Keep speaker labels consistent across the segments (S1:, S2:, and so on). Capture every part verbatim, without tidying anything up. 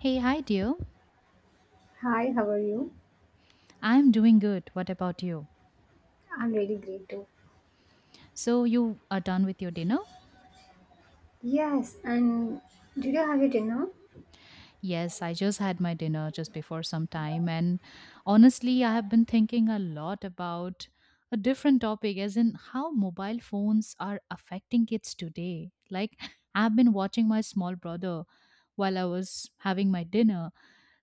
S1: Hey, hi, dear.
S2: Hi, how are you?
S1: I'm doing good. What about you?
S2: I'm really great too.
S1: So, you are done with your dinner?
S2: Yes, and did you have your dinner?
S1: Yes, I just had my dinner just before some time. And honestly, I have been thinking a lot about a different topic, as in how mobile phones are affecting kids today. Like, I've been watching my small brother while I was having my dinner.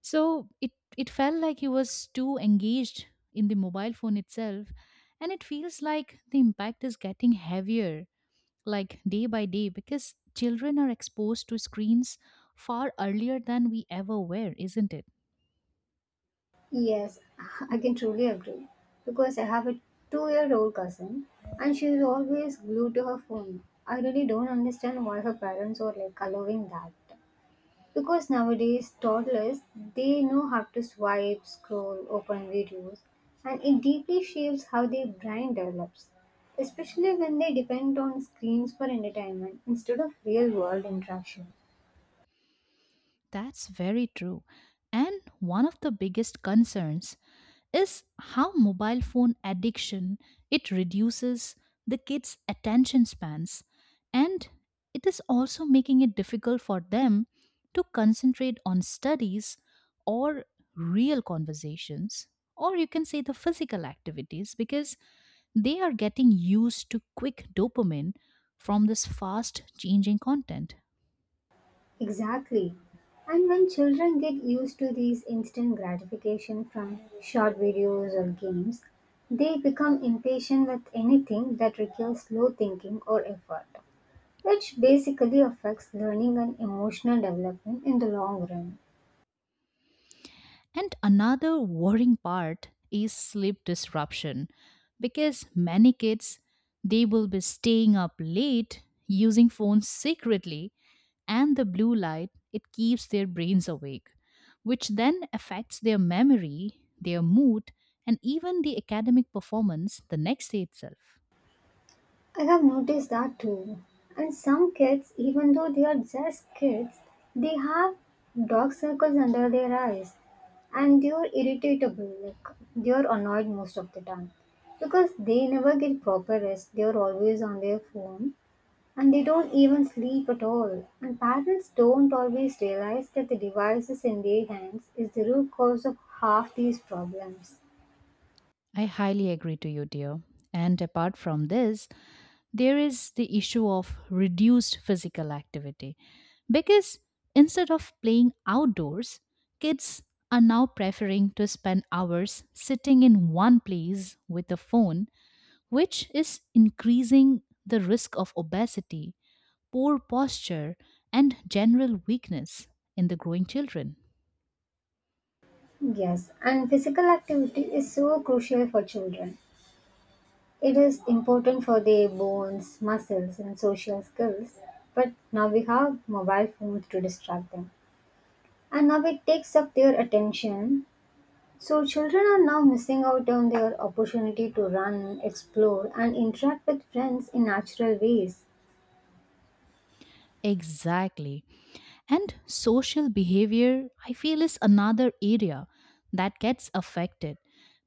S1: So it it felt like he was too engaged in the mobile phone itself, and it feels like the impact is getting heavier like day by day because children are exposed to screens far earlier than we ever were, isn't it?
S2: Yes, I can truly agree. Because I have a two year old cousin and she is always glued to her phone. I really don't understand why her parents are like allowing that. Because nowadays, toddlers they know how to swipe, scroll, open videos, and it deeply shapes how their brain develops, especially when they depend on screens for entertainment instead of real world interaction.
S1: That's very true. And one of the biggest concerns is how mobile phone addiction, it reduces the kids attention spans, and it is also making it difficult for them to concentrate on studies or real conversations, or you can say the physical activities, because they are getting used to quick dopamine from this fast changing content.
S2: Exactly. And when children get used to these instant gratification from short videos or games, they become impatient with anything that requires slow thinking or effort, which basically affects learning and emotional development in the long run.
S1: And another worrying part is sleep disruption because many kids, they will be staying up late using phones secretly, and the blue light, it keeps their brains awake, which then affects their memory, their mood, and even the academic performance the next day itself.
S2: I have noticed that too. And some kids, even though they are just kids, they have dark circles under their eyes and they are irritable, like they are annoyed most of the time because they never get proper rest. They are always on their phone and they don't even sleep at all. And parents don't always realize that the devices in their hands is the root cause of half these problems.
S1: I highly agree to you, dear. And apart from this, there is the issue of reduced physical activity because instead of playing outdoors, kids are now preferring to spend hours sitting in one place with a phone, which is increasing the risk of obesity, poor posture, and general weakness in the growing children.
S2: Yes, and physical activity is so crucial for children. It is important for their bones, muscles, and social skills. But now we have mobile phones to distract them. And now it takes up their attention. So children are now missing out on their opportunity to run, explore, and interact with friends in natural ways.
S1: Exactly. And social behavior, I feel, is another area that gets affected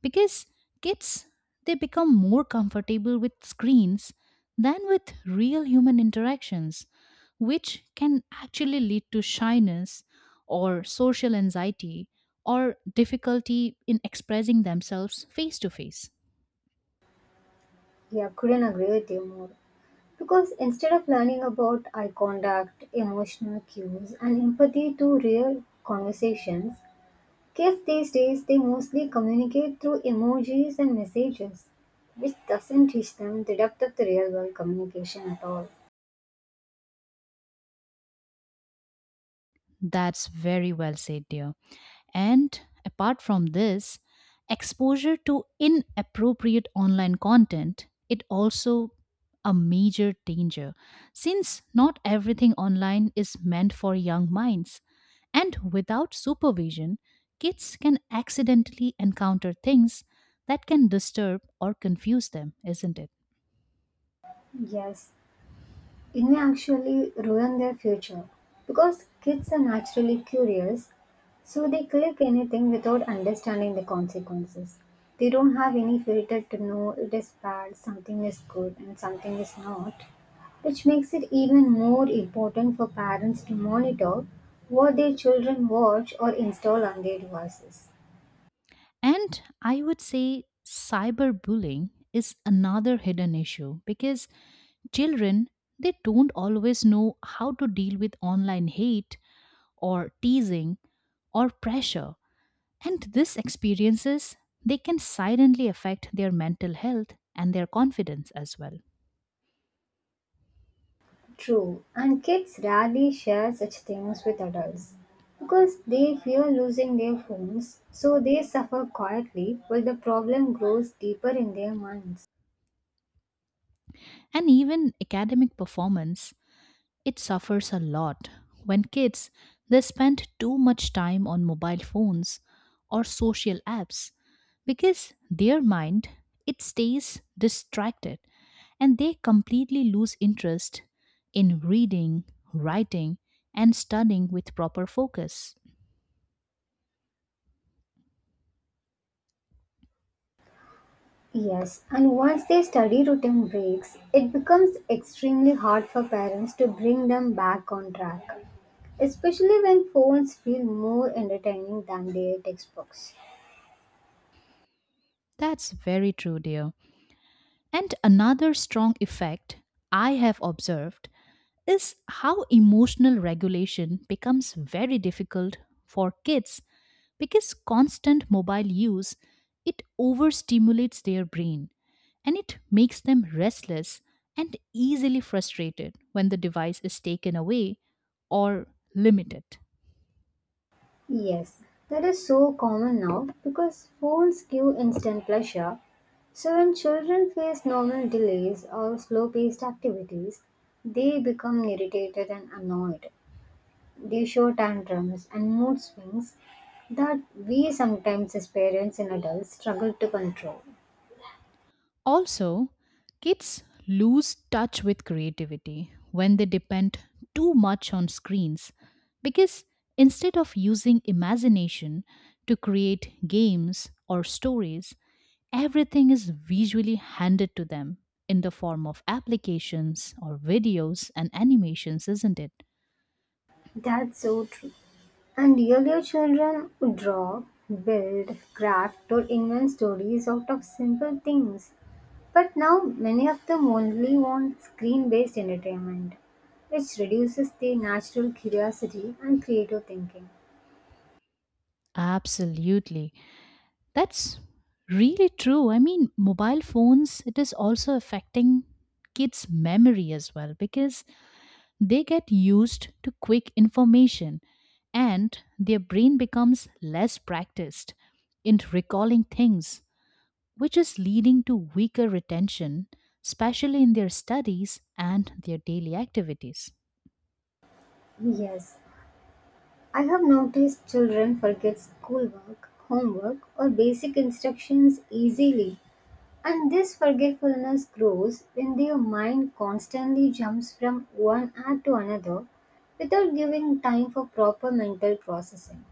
S1: because kids, they become more comfortable with screens than with real human interactions, which can actually lead to shyness or social anxiety or difficulty in expressing themselves face to face.
S2: Yeah, couldn't agree with you more. Because instead of learning about eye contact, emotional cues, and empathy through real conversations, kids these days they mostly communicate through emojis and messages, which doesn't teach them the depth of the real world communication at all.
S1: That's very well said, dear. And apart from this, exposure to inappropriate online content, it also a major danger since not everything online is meant for young minds, and without supervision kids can accidentally encounter things that can disturb or confuse them, isn't it?
S2: Yes, it may actually ruin their future because kids are naturally curious, so they click anything without understanding the consequences. They don't have any filter to know it is bad, something is good, and something is not, which makes it even more important for parents to monitor what their children watch or install on their devices.
S1: And I would say cyberbullying is another hidden issue because children, they don't always know how to deal with online hate or teasing or pressure. And these experiences, they can silently affect their mental health and their confidence as well.
S2: True, and kids rarely share such things with adults because they fear losing their phones, so they suffer quietly while the problem grows deeper in their minds.
S1: And even academic performance, it suffers a lot. When kids, they spend too much time on mobile phones or social apps, because their mind, it stays distracted and they completely lose interest in reading, writing and studying with proper focus.
S2: Yes, and once their study routine breaks, it becomes extremely hard for parents to bring them back on track, especially when phones feel more entertaining than their textbooks.
S1: That's very true, dear. And another strong effect I have observed is how emotional regulation becomes very difficult for kids because constant mobile use, it overstimulates their brain and it makes them restless and easily frustrated when the device is taken away or limited.
S2: Yes, that is so common now because phones give instant pleasure. So when children face normal delays or slow-paced activities, they become irritated and annoyed. They show tantrums and mood swings that we sometimes as parents and adults struggle to control.
S1: Also, kids lose touch with creativity when they depend too much on screens because instead of using imagination to create games or stories, everything is visually handed to them in the form of applications or videos and animations, isn't it?
S2: That's so true. And earlier children would draw, build, craft, or invent stories out of simple things. But now many of them only want screen based entertainment, which reduces their natural curiosity and creative thinking.
S1: Absolutely. That's really true. I mean, mobile phones, it is also affecting kids' memory as well, because they get used to quick information and their brain becomes less practiced in recalling things, which is leading to weaker retention, especially in their studies and their daily activities.
S2: Yes, I have noticed children forget schoolwork, homework, or basic instructions easily. And this forgetfulness grows when their mind constantly jumps from one act to another without giving time for proper mental processing.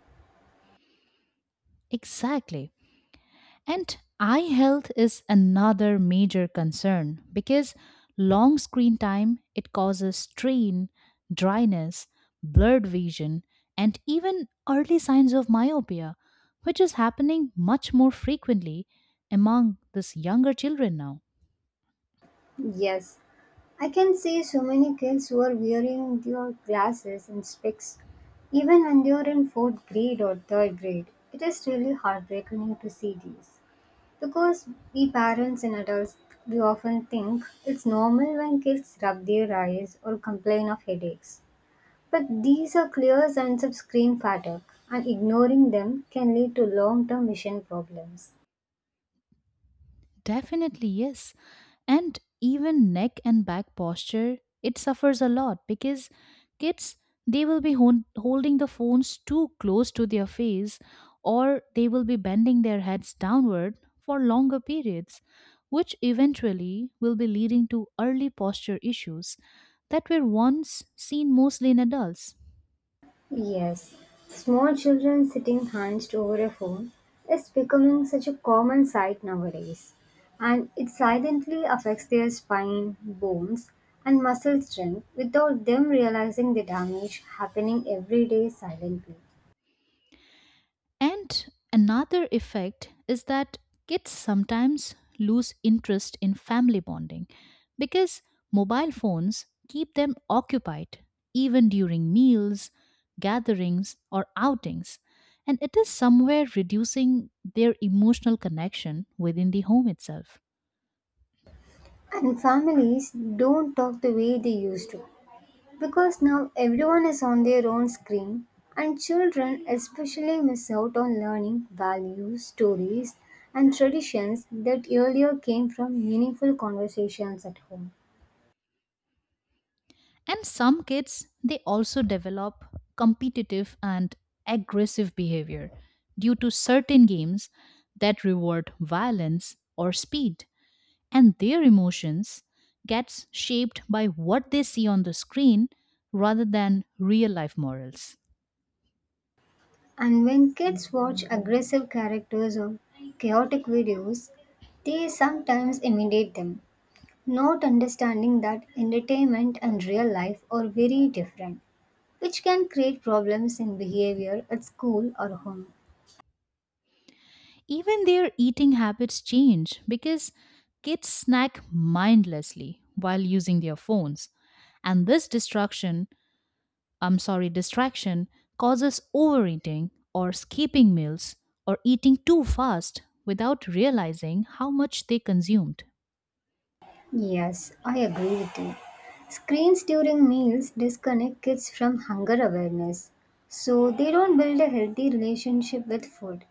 S1: Exactly. And eye health is another major concern because long screen time, it causes strain, dryness, blurred vision and even early signs of myopia, which is happening much more frequently among this younger children now.
S2: Yes, I can see so many kids who are wearing their glasses and specs even when they are in fourth grade or third grade. It is really heartbreaking to see these. Because we parents and adults, we often think it's normal when kids rub their eyes or complain of headaches. But these are clear signs of screen fatigue, and ignoring them can lead to long term vision problems.
S1: Definitely, yes. And even neck and back posture, it suffers a lot because kids, they will be hon- holding the phones too close to their face, or they will be bending their heads downward for longer periods, which eventually will be leading to early posture issues that were once seen mostly in adults.
S2: Yes, small children sitting hunched over a phone is becoming such a common sight nowadays, and it silently affects their spine, bones, and muscle strength without them realizing the damage happening every day silently.
S1: And another effect is that kids sometimes lose interest in family bonding because mobile phones keep them occupied even during meals, gatherings, or outings. And it is somewhere reducing their emotional connection within the home itself.
S2: And families don't talk the way they used to. Because now everyone is on their own screen, and children especially miss out on learning values, stories, and traditions that earlier came from meaningful conversations at home.
S1: And some kids, they also develop competitive and aggressive behavior due to certain games that reward violence or speed, and their emotions gets shaped by what they see on the screen rather than real life morals.
S2: And when kids watch aggressive characters or chaotic videos, they sometimes imitate them, not understanding that entertainment and real life are very different, which can create problems in behavior at school or home.
S1: Even their eating habits change because kids snack mindlessly while using their phones, and this distraction I'm sorry distraction causes overeating or skipping meals or eating too fast without realizing how much they consumed.
S2: Yes, I agree with you. Screens during meals disconnect kids from hunger awareness, so they don't build a healthy relationship with food,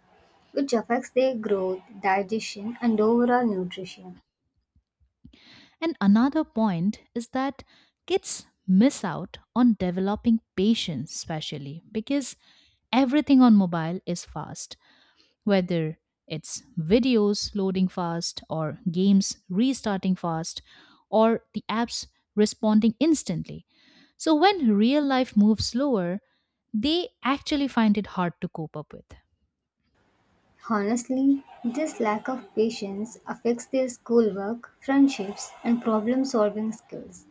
S2: which affects their growth, digestion, and overall nutrition.
S1: And another point is that kids miss out on developing patience, especially because everything on mobile is fast, whether it's videos loading fast, or games restarting fast, or the apps responding instantly. So when real life moves slower, they actually find it hard to cope up with.
S2: Honestly, this lack of patience affects their schoolwork, friendships, and problem solving skills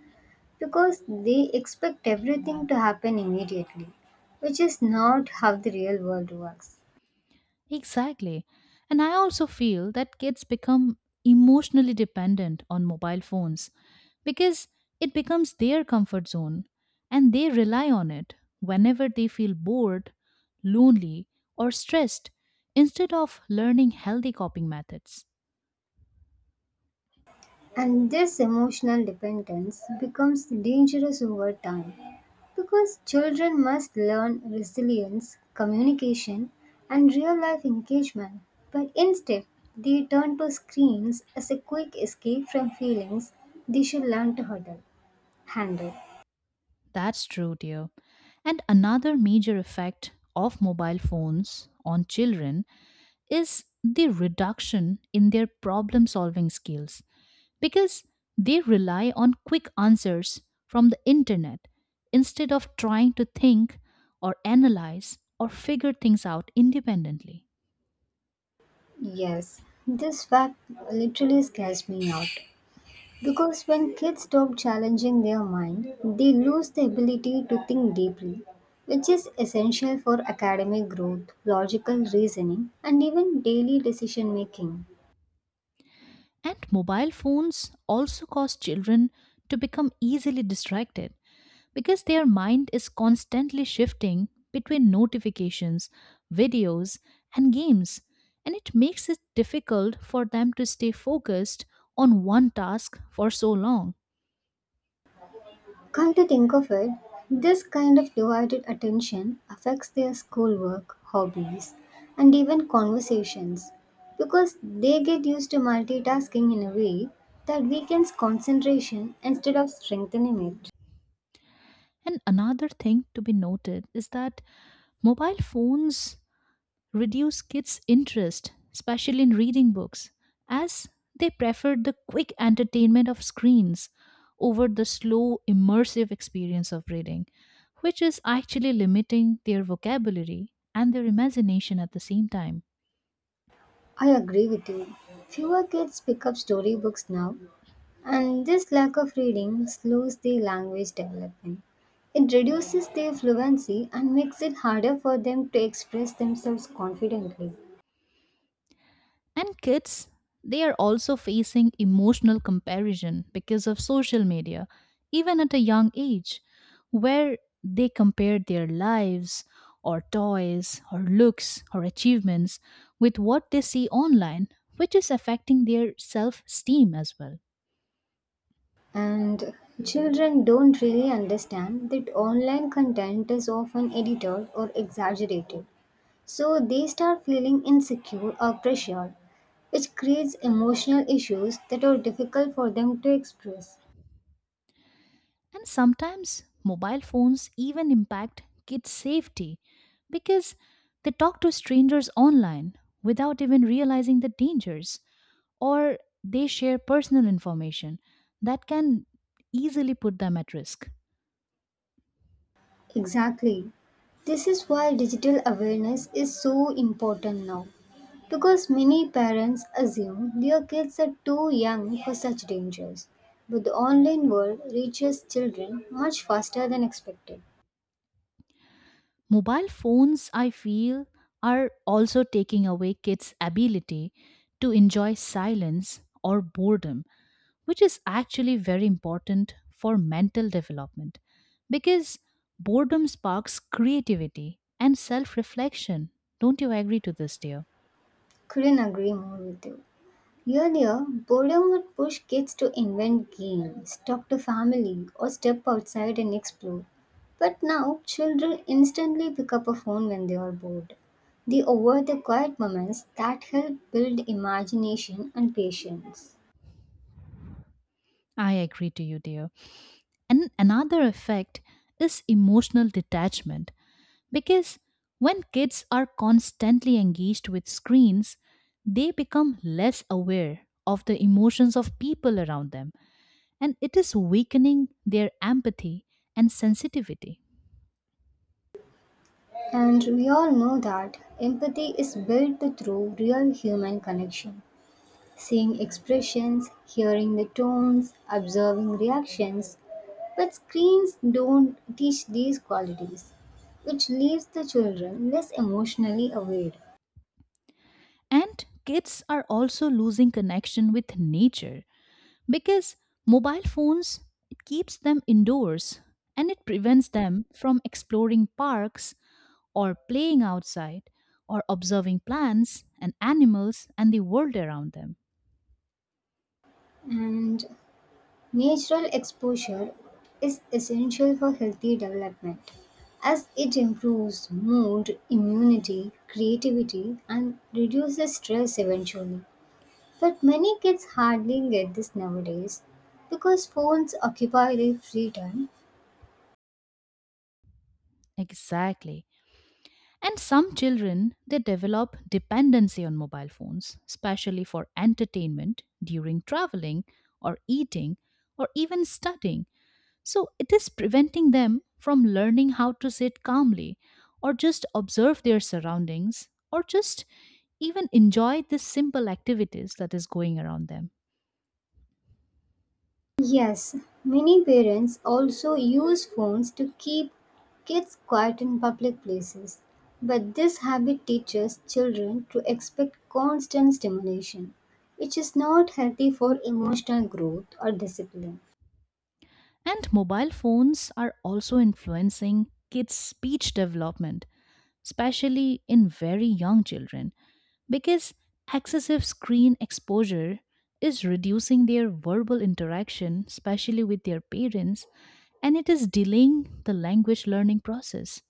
S2: because they expect everything to happen immediately, which is not how the real world works.
S1: Exactly. And I also feel that kids become emotionally dependent on mobile phones because it becomes their comfort zone and they rely on it whenever they feel bored, lonely, or stressed instead of learning healthy coping methods.
S2: And this emotional dependence becomes dangerous over time because children must learn resilience, communication, and real life engagement. But instead, they turn to screens as a quick escape from feelings they should learn to huddle, handle.
S1: That's true, dear. And another major effect of mobile phones on children is the reduction in their problem solving skills because they rely on quick answers from the internet instead of trying to think or analyze or figure things out independently.
S2: Yes, this fact literally scares me out. Because when kids stop challenging their mind, they lose the ability to think deeply, which is essential for academic growth, logical reasoning, and even daily decision making.
S1: And mobile phones also cause children to become easily distracted because their mind is constantly shifting between notifications, videos, and games. And it makes it difficult for them to stay focused on one task for so long.
S2: Come to think of it, this kind of divided attention affects their schoolwork, hobbies, and even conversations because they get used to multitasking in a way that weakens concentration instead of strengthening it.
S1: And another thing to be noted is that mobile phones reduce kids' interest, especially in reading books, as they prefer the quick entertainment of screens over the slow, immersive experience of reading, which is actually limiting their vocabulary and their imagination at the same time.
S2: I agree with you. Fewer kids pick up storybooks now, and this lack of reading slows their language development. It reduces their fluency and makes it harder for them to express themselves confidently.
S1: And kids, they are also facing emotional comparison because of social media, even at a young age, where they compare their lives or toys or looks or achievements with what they see online, which is affecting their self esteem as well.
S2: And children don't really understand that online content is often edited or exaggerated, so they start feeling insecure or pressured, which creates emotional issues that are difficult for them to express.
S1: And sometimes mobile phones even impact kids' safety because they talk to strangers online without even realizing the dangers, or they share personal information that can easily put them at risk.
S2: Exactly. This is why digital awareness is so important now because many parents assume their kids are too young for such dangers. But the online world reaches children much faster than expected.
S1: Mobile phones, I feel, are also taking away kids' ability to enjoy silence or boredom, which is actually very important for mental development because boredom sparks creativity and self reflection. Don't you agree to this, dear?
S2: Couldn't agree more with you. Earlier, boredom would push kids to invent games, talk to family, or step outside and explore. But now, children instantly pick up a phone when they are bored. They avoid the quiet moments that help build imagination and patience.
S1: I agree to you, dear. And another effect is emotional detachment, because when kids are constantly engaged with screens, they become less aware of the emotions of people around them, and it is weakening their empathy and sensitivity.
S2: And we all know that empathy is built through real human connection. Seeing expressions, hearing the tones, observing reactions, but screens don't teach these qualities, which leaves the children less emotionally aware.
S1: And kids are also losing connection with nature because mobile phones, it keeps them indoors and it prevents them from exploring parks or playing outside or observing plants and animals and the world around them.
S2: And natural exposure is essential for healthy development as it improves mood, immunity, creativity, and reduces stress eventually. But many kids hardly get this nowadays because phones occupy their free time.
S1: Exactly. And some children, they develop dependency on mobile phones, especially for entertainment, during traveling, or eating, or even studying. So it is preventing them from learning how to sit calmly, or just observe their surroundings, or just even enjoy the simple activities that is going around them.
S2: Yes, many parents also use phones to keep kids quiet in public places, but this habit teaches children to expect constant stimulation, which is not healthy for emotional growth or discipline.
S1: And mobile phones are also influencing kids' speech development, especially in very young children, because excessive screen exposure is reducing their verbal interaction, especially with their parents, and it is delaying the language learning process.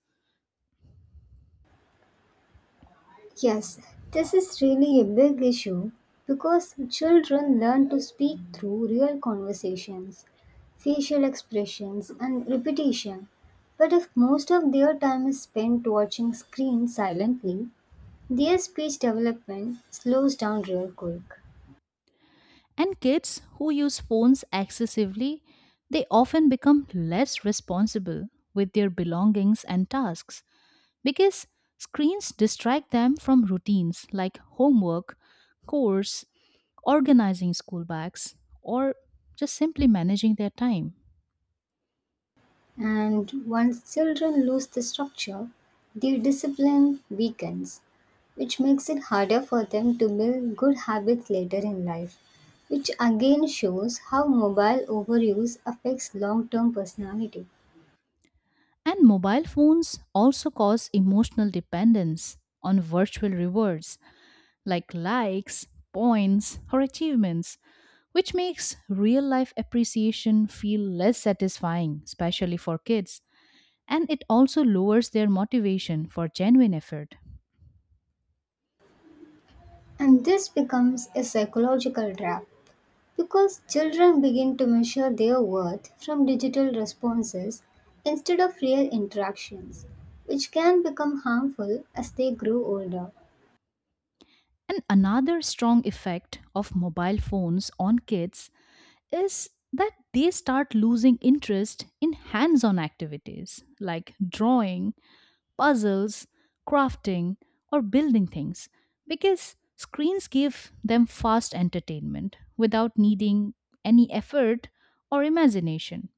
S2: Yes, this is really a big issue because children learn to speak through real conversations, facial expressions, and repetition. But if most of their time is spent watching screens silently, their speech development slows down real quick,
S1: And kids who use phones excessively, they often become less responsible with their belongings and tasks because screens distract them from routines like homework, chores, organizing school bags, or just simply managing their time.
S2: and once children lose the structure, their discipline weakens, which makes it harder for them to build good habits later in life, which again shows how mobile overuse affects long term personality.
S1: And mobile phones also cause emotional dependence on virtual rewards like likes, points, or achievements, which makes real life appreciation feel less satisfying, especially for kids. And it also lowers their motivation for genuine effort.
S2: And this becomes a psychological trap. Because children begin to measure their worth from digital responses instead of real interactions, which can become harmful as they grow older.
S1: And another strong effect of mobile phones on kids is that they start losing interest in hands on activities like drawing, puzzles, crafting, or building things because screens give them fast entertainment without needing any effort or imagination.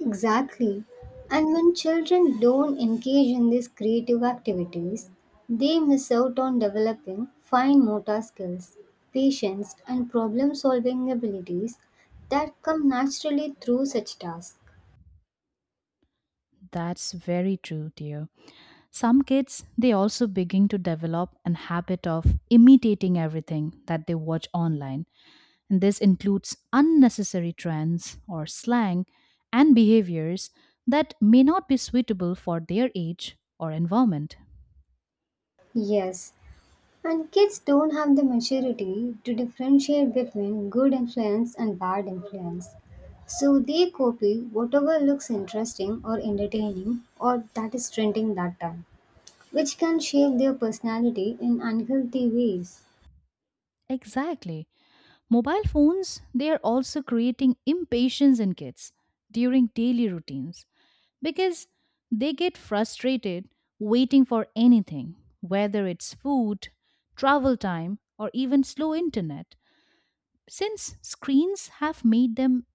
S2: Exactly. And when children don't engage in these creative activities, they miss out on developing fine motor skills, patience, and problem solving abilities that come naturally through such tasks.
S1: That's very true, dear. Some kids, they also begin to develop an habit of imitating everything that they watch online. And this includes unnecessary trends or slang and behaviors that may not be suitable for their age or environment.
S2: Yes, and kids don't have the maturity to differentiate between good influence and bad influence. So they copy whatever looks interesting or entertaining or that is trending that time, which can shape their personality in unhealthy ways.
S1: Exactly. Mobile phones, they are also creating impatience in kids during daily routines because they get frustrated waiting for anything, whether it's food, travel time, or even slow internet, since screens have made them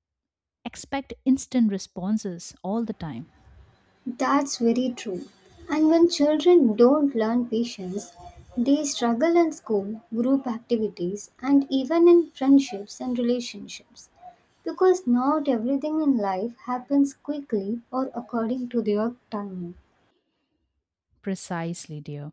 S1: expect instant responses all the time.
S2: That's very true. And when children don't learn patience, they struggle in school, group activities, and even in friendships and relationships. Because not everything in life happens quickly or according to their timing.
S1: Precisely, dear.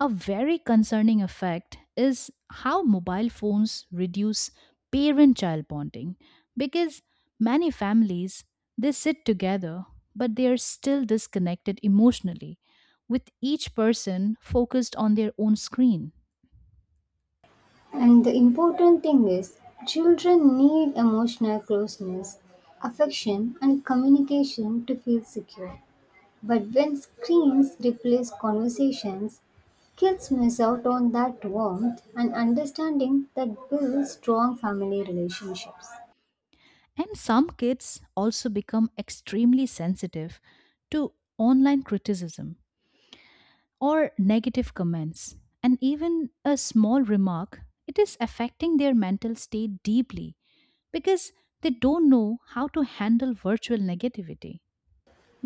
S1: A very concerning effect is how mobile phones reduce parent child bonding, because many families, they sit together but they are still disconnected emotionally, with each person focused on their own screen.
S2: And the important thing is, children need emotional closeness, affection, and communication to feel secure. But when screens replace conversations, kids miss out on that warmth and understanding that builds strong family relationships.
S1: And some kids also become extremely sensitive to online criticism or negative comments, and even a small remark, it is affecting their mental state deeply because they don't know how to handle virtual negativity.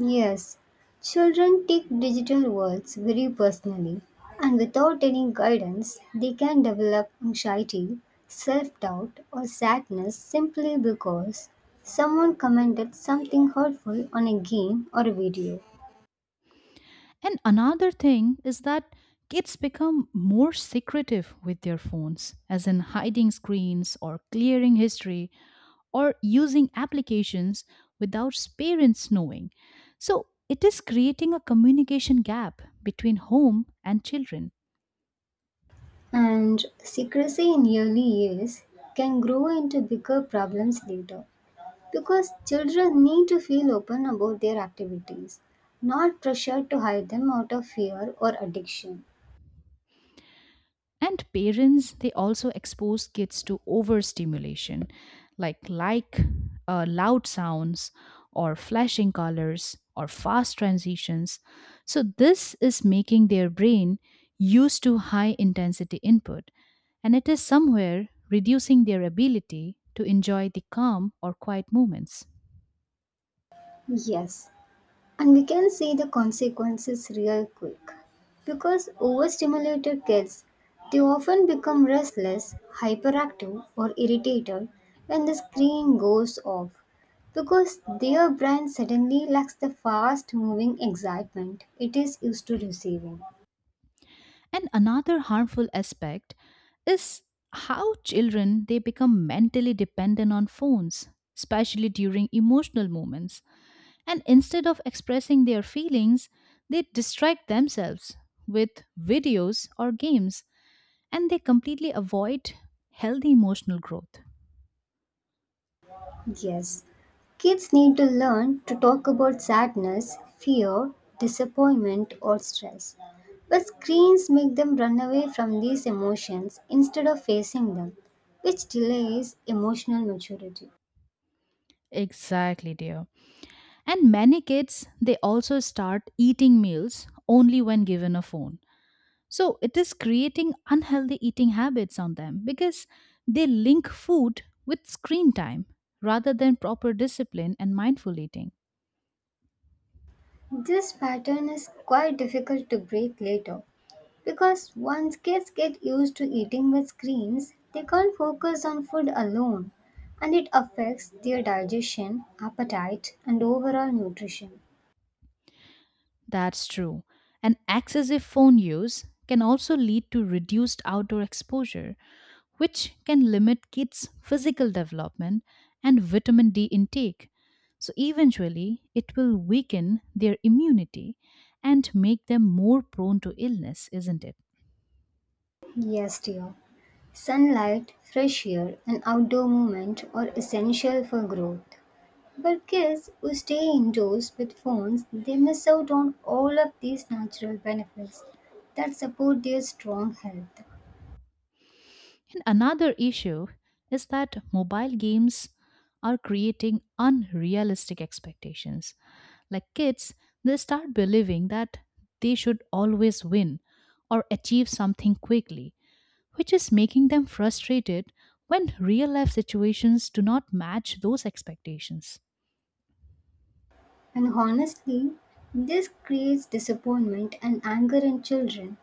S2: Yes, children take digital worlds very personally, and without any guidance, they can develop anxiety, self doubt, or sadness simply because someone commented something hurtful on a game or a video.
S1: And another thing is that kids become more secretive with their phones, as in hiding screens or clearing history or using applications without parents knowing. So it is creating a communication gap between home and children.
S2: And secrecy in early years can grow into bigger problems later because children need to feel open about their activities, not pressured to hide them out of fear or addiction.
S1: And parents, they also expose kids to overstimulation like like uh, loud sounds or flashing colors or fast transitions. So this is making their brain used to high intensity input, and it is somewhere reducing their ability to enjoy the calm or quiet moments.
S2: Yes, and we can see the consequences real quick. Because overstimulated kids, they often become restless, hyperactive, or irritated when the screen goes off. Because their brain suddenly lacks the fast moving excitement it is used to receiving.
S1: And another harmful aspect is how children, they become mentally dependent on phones, especially during emotional moments. And instead of expressing their feelings, they distract themselves with videos or games, and they completely avoid healthy emotional growth.
S2: Yes, kids need to learn to talk about sadness, fear, disappointment, or stress. But screens make them run away from these emotions instead of facing them, which delays emotional maturity.
S1: Exactly, dear. And many kids, they also start eating meals only when given a phone. So it is creating unhealthy eating habits on them because they link food with screen time rather than proper discipline and mindful eating.
S2: This pattern is quite difficult to break later because once kids get used to eating with screens, they can't focus on food alone and it affects their digestion, appetite, and overall nutrition.
S1: That's true. And excessive phone use can also lead to reduced outdoor exposure, which can limit kids' physical development and vitamin D intake. So eventually, it will weaken their immunity and make them more prone to illness, isn't it?
S2: Yes, dear. Sunlight, fresh air, and outdoor movement are essential for growth. But kids who stay indoors with phones, they miss out on all of these natural benefits that support their strong health.
S1: And another issue is that mobile games are creating unrealistic expectations. Like kids, they start believing that they should always win or achieve something quickly, which is making them frustrated when real life situations do not match those expectations.
S2: And honestly, this creates disappointment and anger in children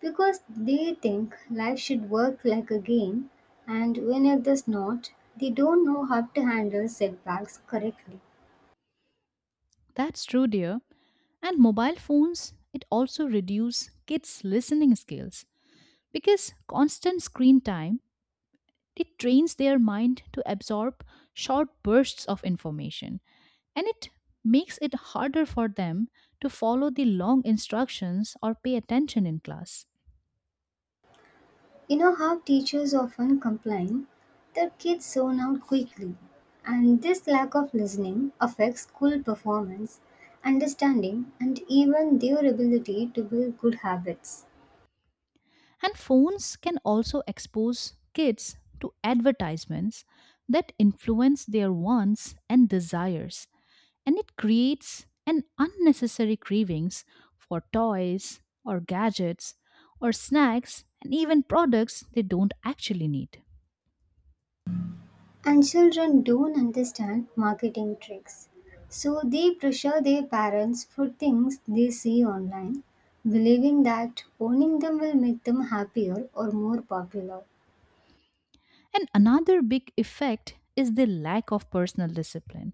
S2: because they think life should work like a game, and when it does not, they don't know how to handle setbacks correctly.
S1: That's true, dear. And mobile phones, it also reduce kids' listening skills because constant screen time, it trains their mind to absorb short bursts of information, and it makes it harder for them to follow the long instructions or pay attention in class.
S2: You know how teachers often complain that kids zone out quickly, and this lack of listening affects school performance, understanding, and even their ability to build good habits.
S1: And phones can also expose kids to advertisements that influence their wants and desires, and it creates an unnecessary cravings for toys or gadgets or snacks and even products they don't actually need.
S2: And children don't understand marketing tricks, so they pressure their parents for things they see online, believing that owning them will make them happier or more popular.
S1: And another big effect is the lack of personal discipline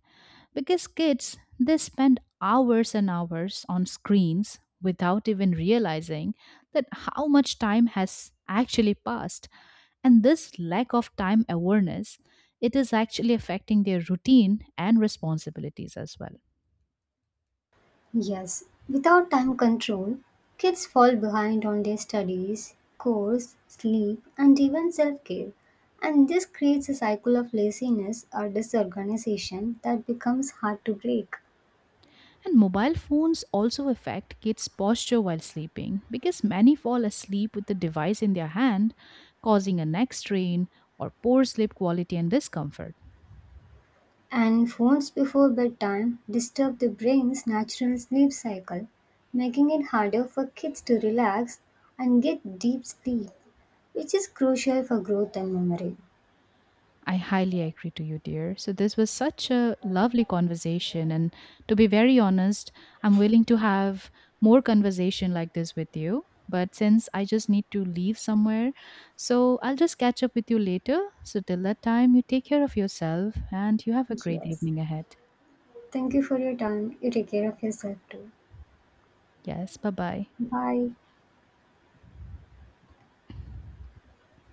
S1: because kids, they spend hours and hours on screens without even realizing that how much time has actually passed, and this lack of time awareness, it is actually affecting their routine and responsibilities as well.
S2: Yes, without time control, kids fall behind on their studies, course, sleep, and even self care. And this creates a cycle of laziness or disorganization that becomes hard to break.
S1: And mobile phones also affect kids' posture while sleeping because many fall asleep with the device in their hand, causing a neck strain or poor sleep quality and discomfort.
S2: And phones before bedtime disturb the brain's natural sleep cycle, making it harder for kids to relax and get deep sleep, which is crucial for growth and memory.
S1: I highly agree to you, dear. So, this was such a lovely conversation. And to be very honest, I'm willing to have more conversation like this with you. But since I just need to leave somewhere, so I'll just catch up with you later. So, till that time, you take care of yourself and you have a great
S2: Yes.
S1: evening ahead.
S2: Thank you for your time. You take care of yourself too.
S1: Yes. Bye bye.
S2: Bye.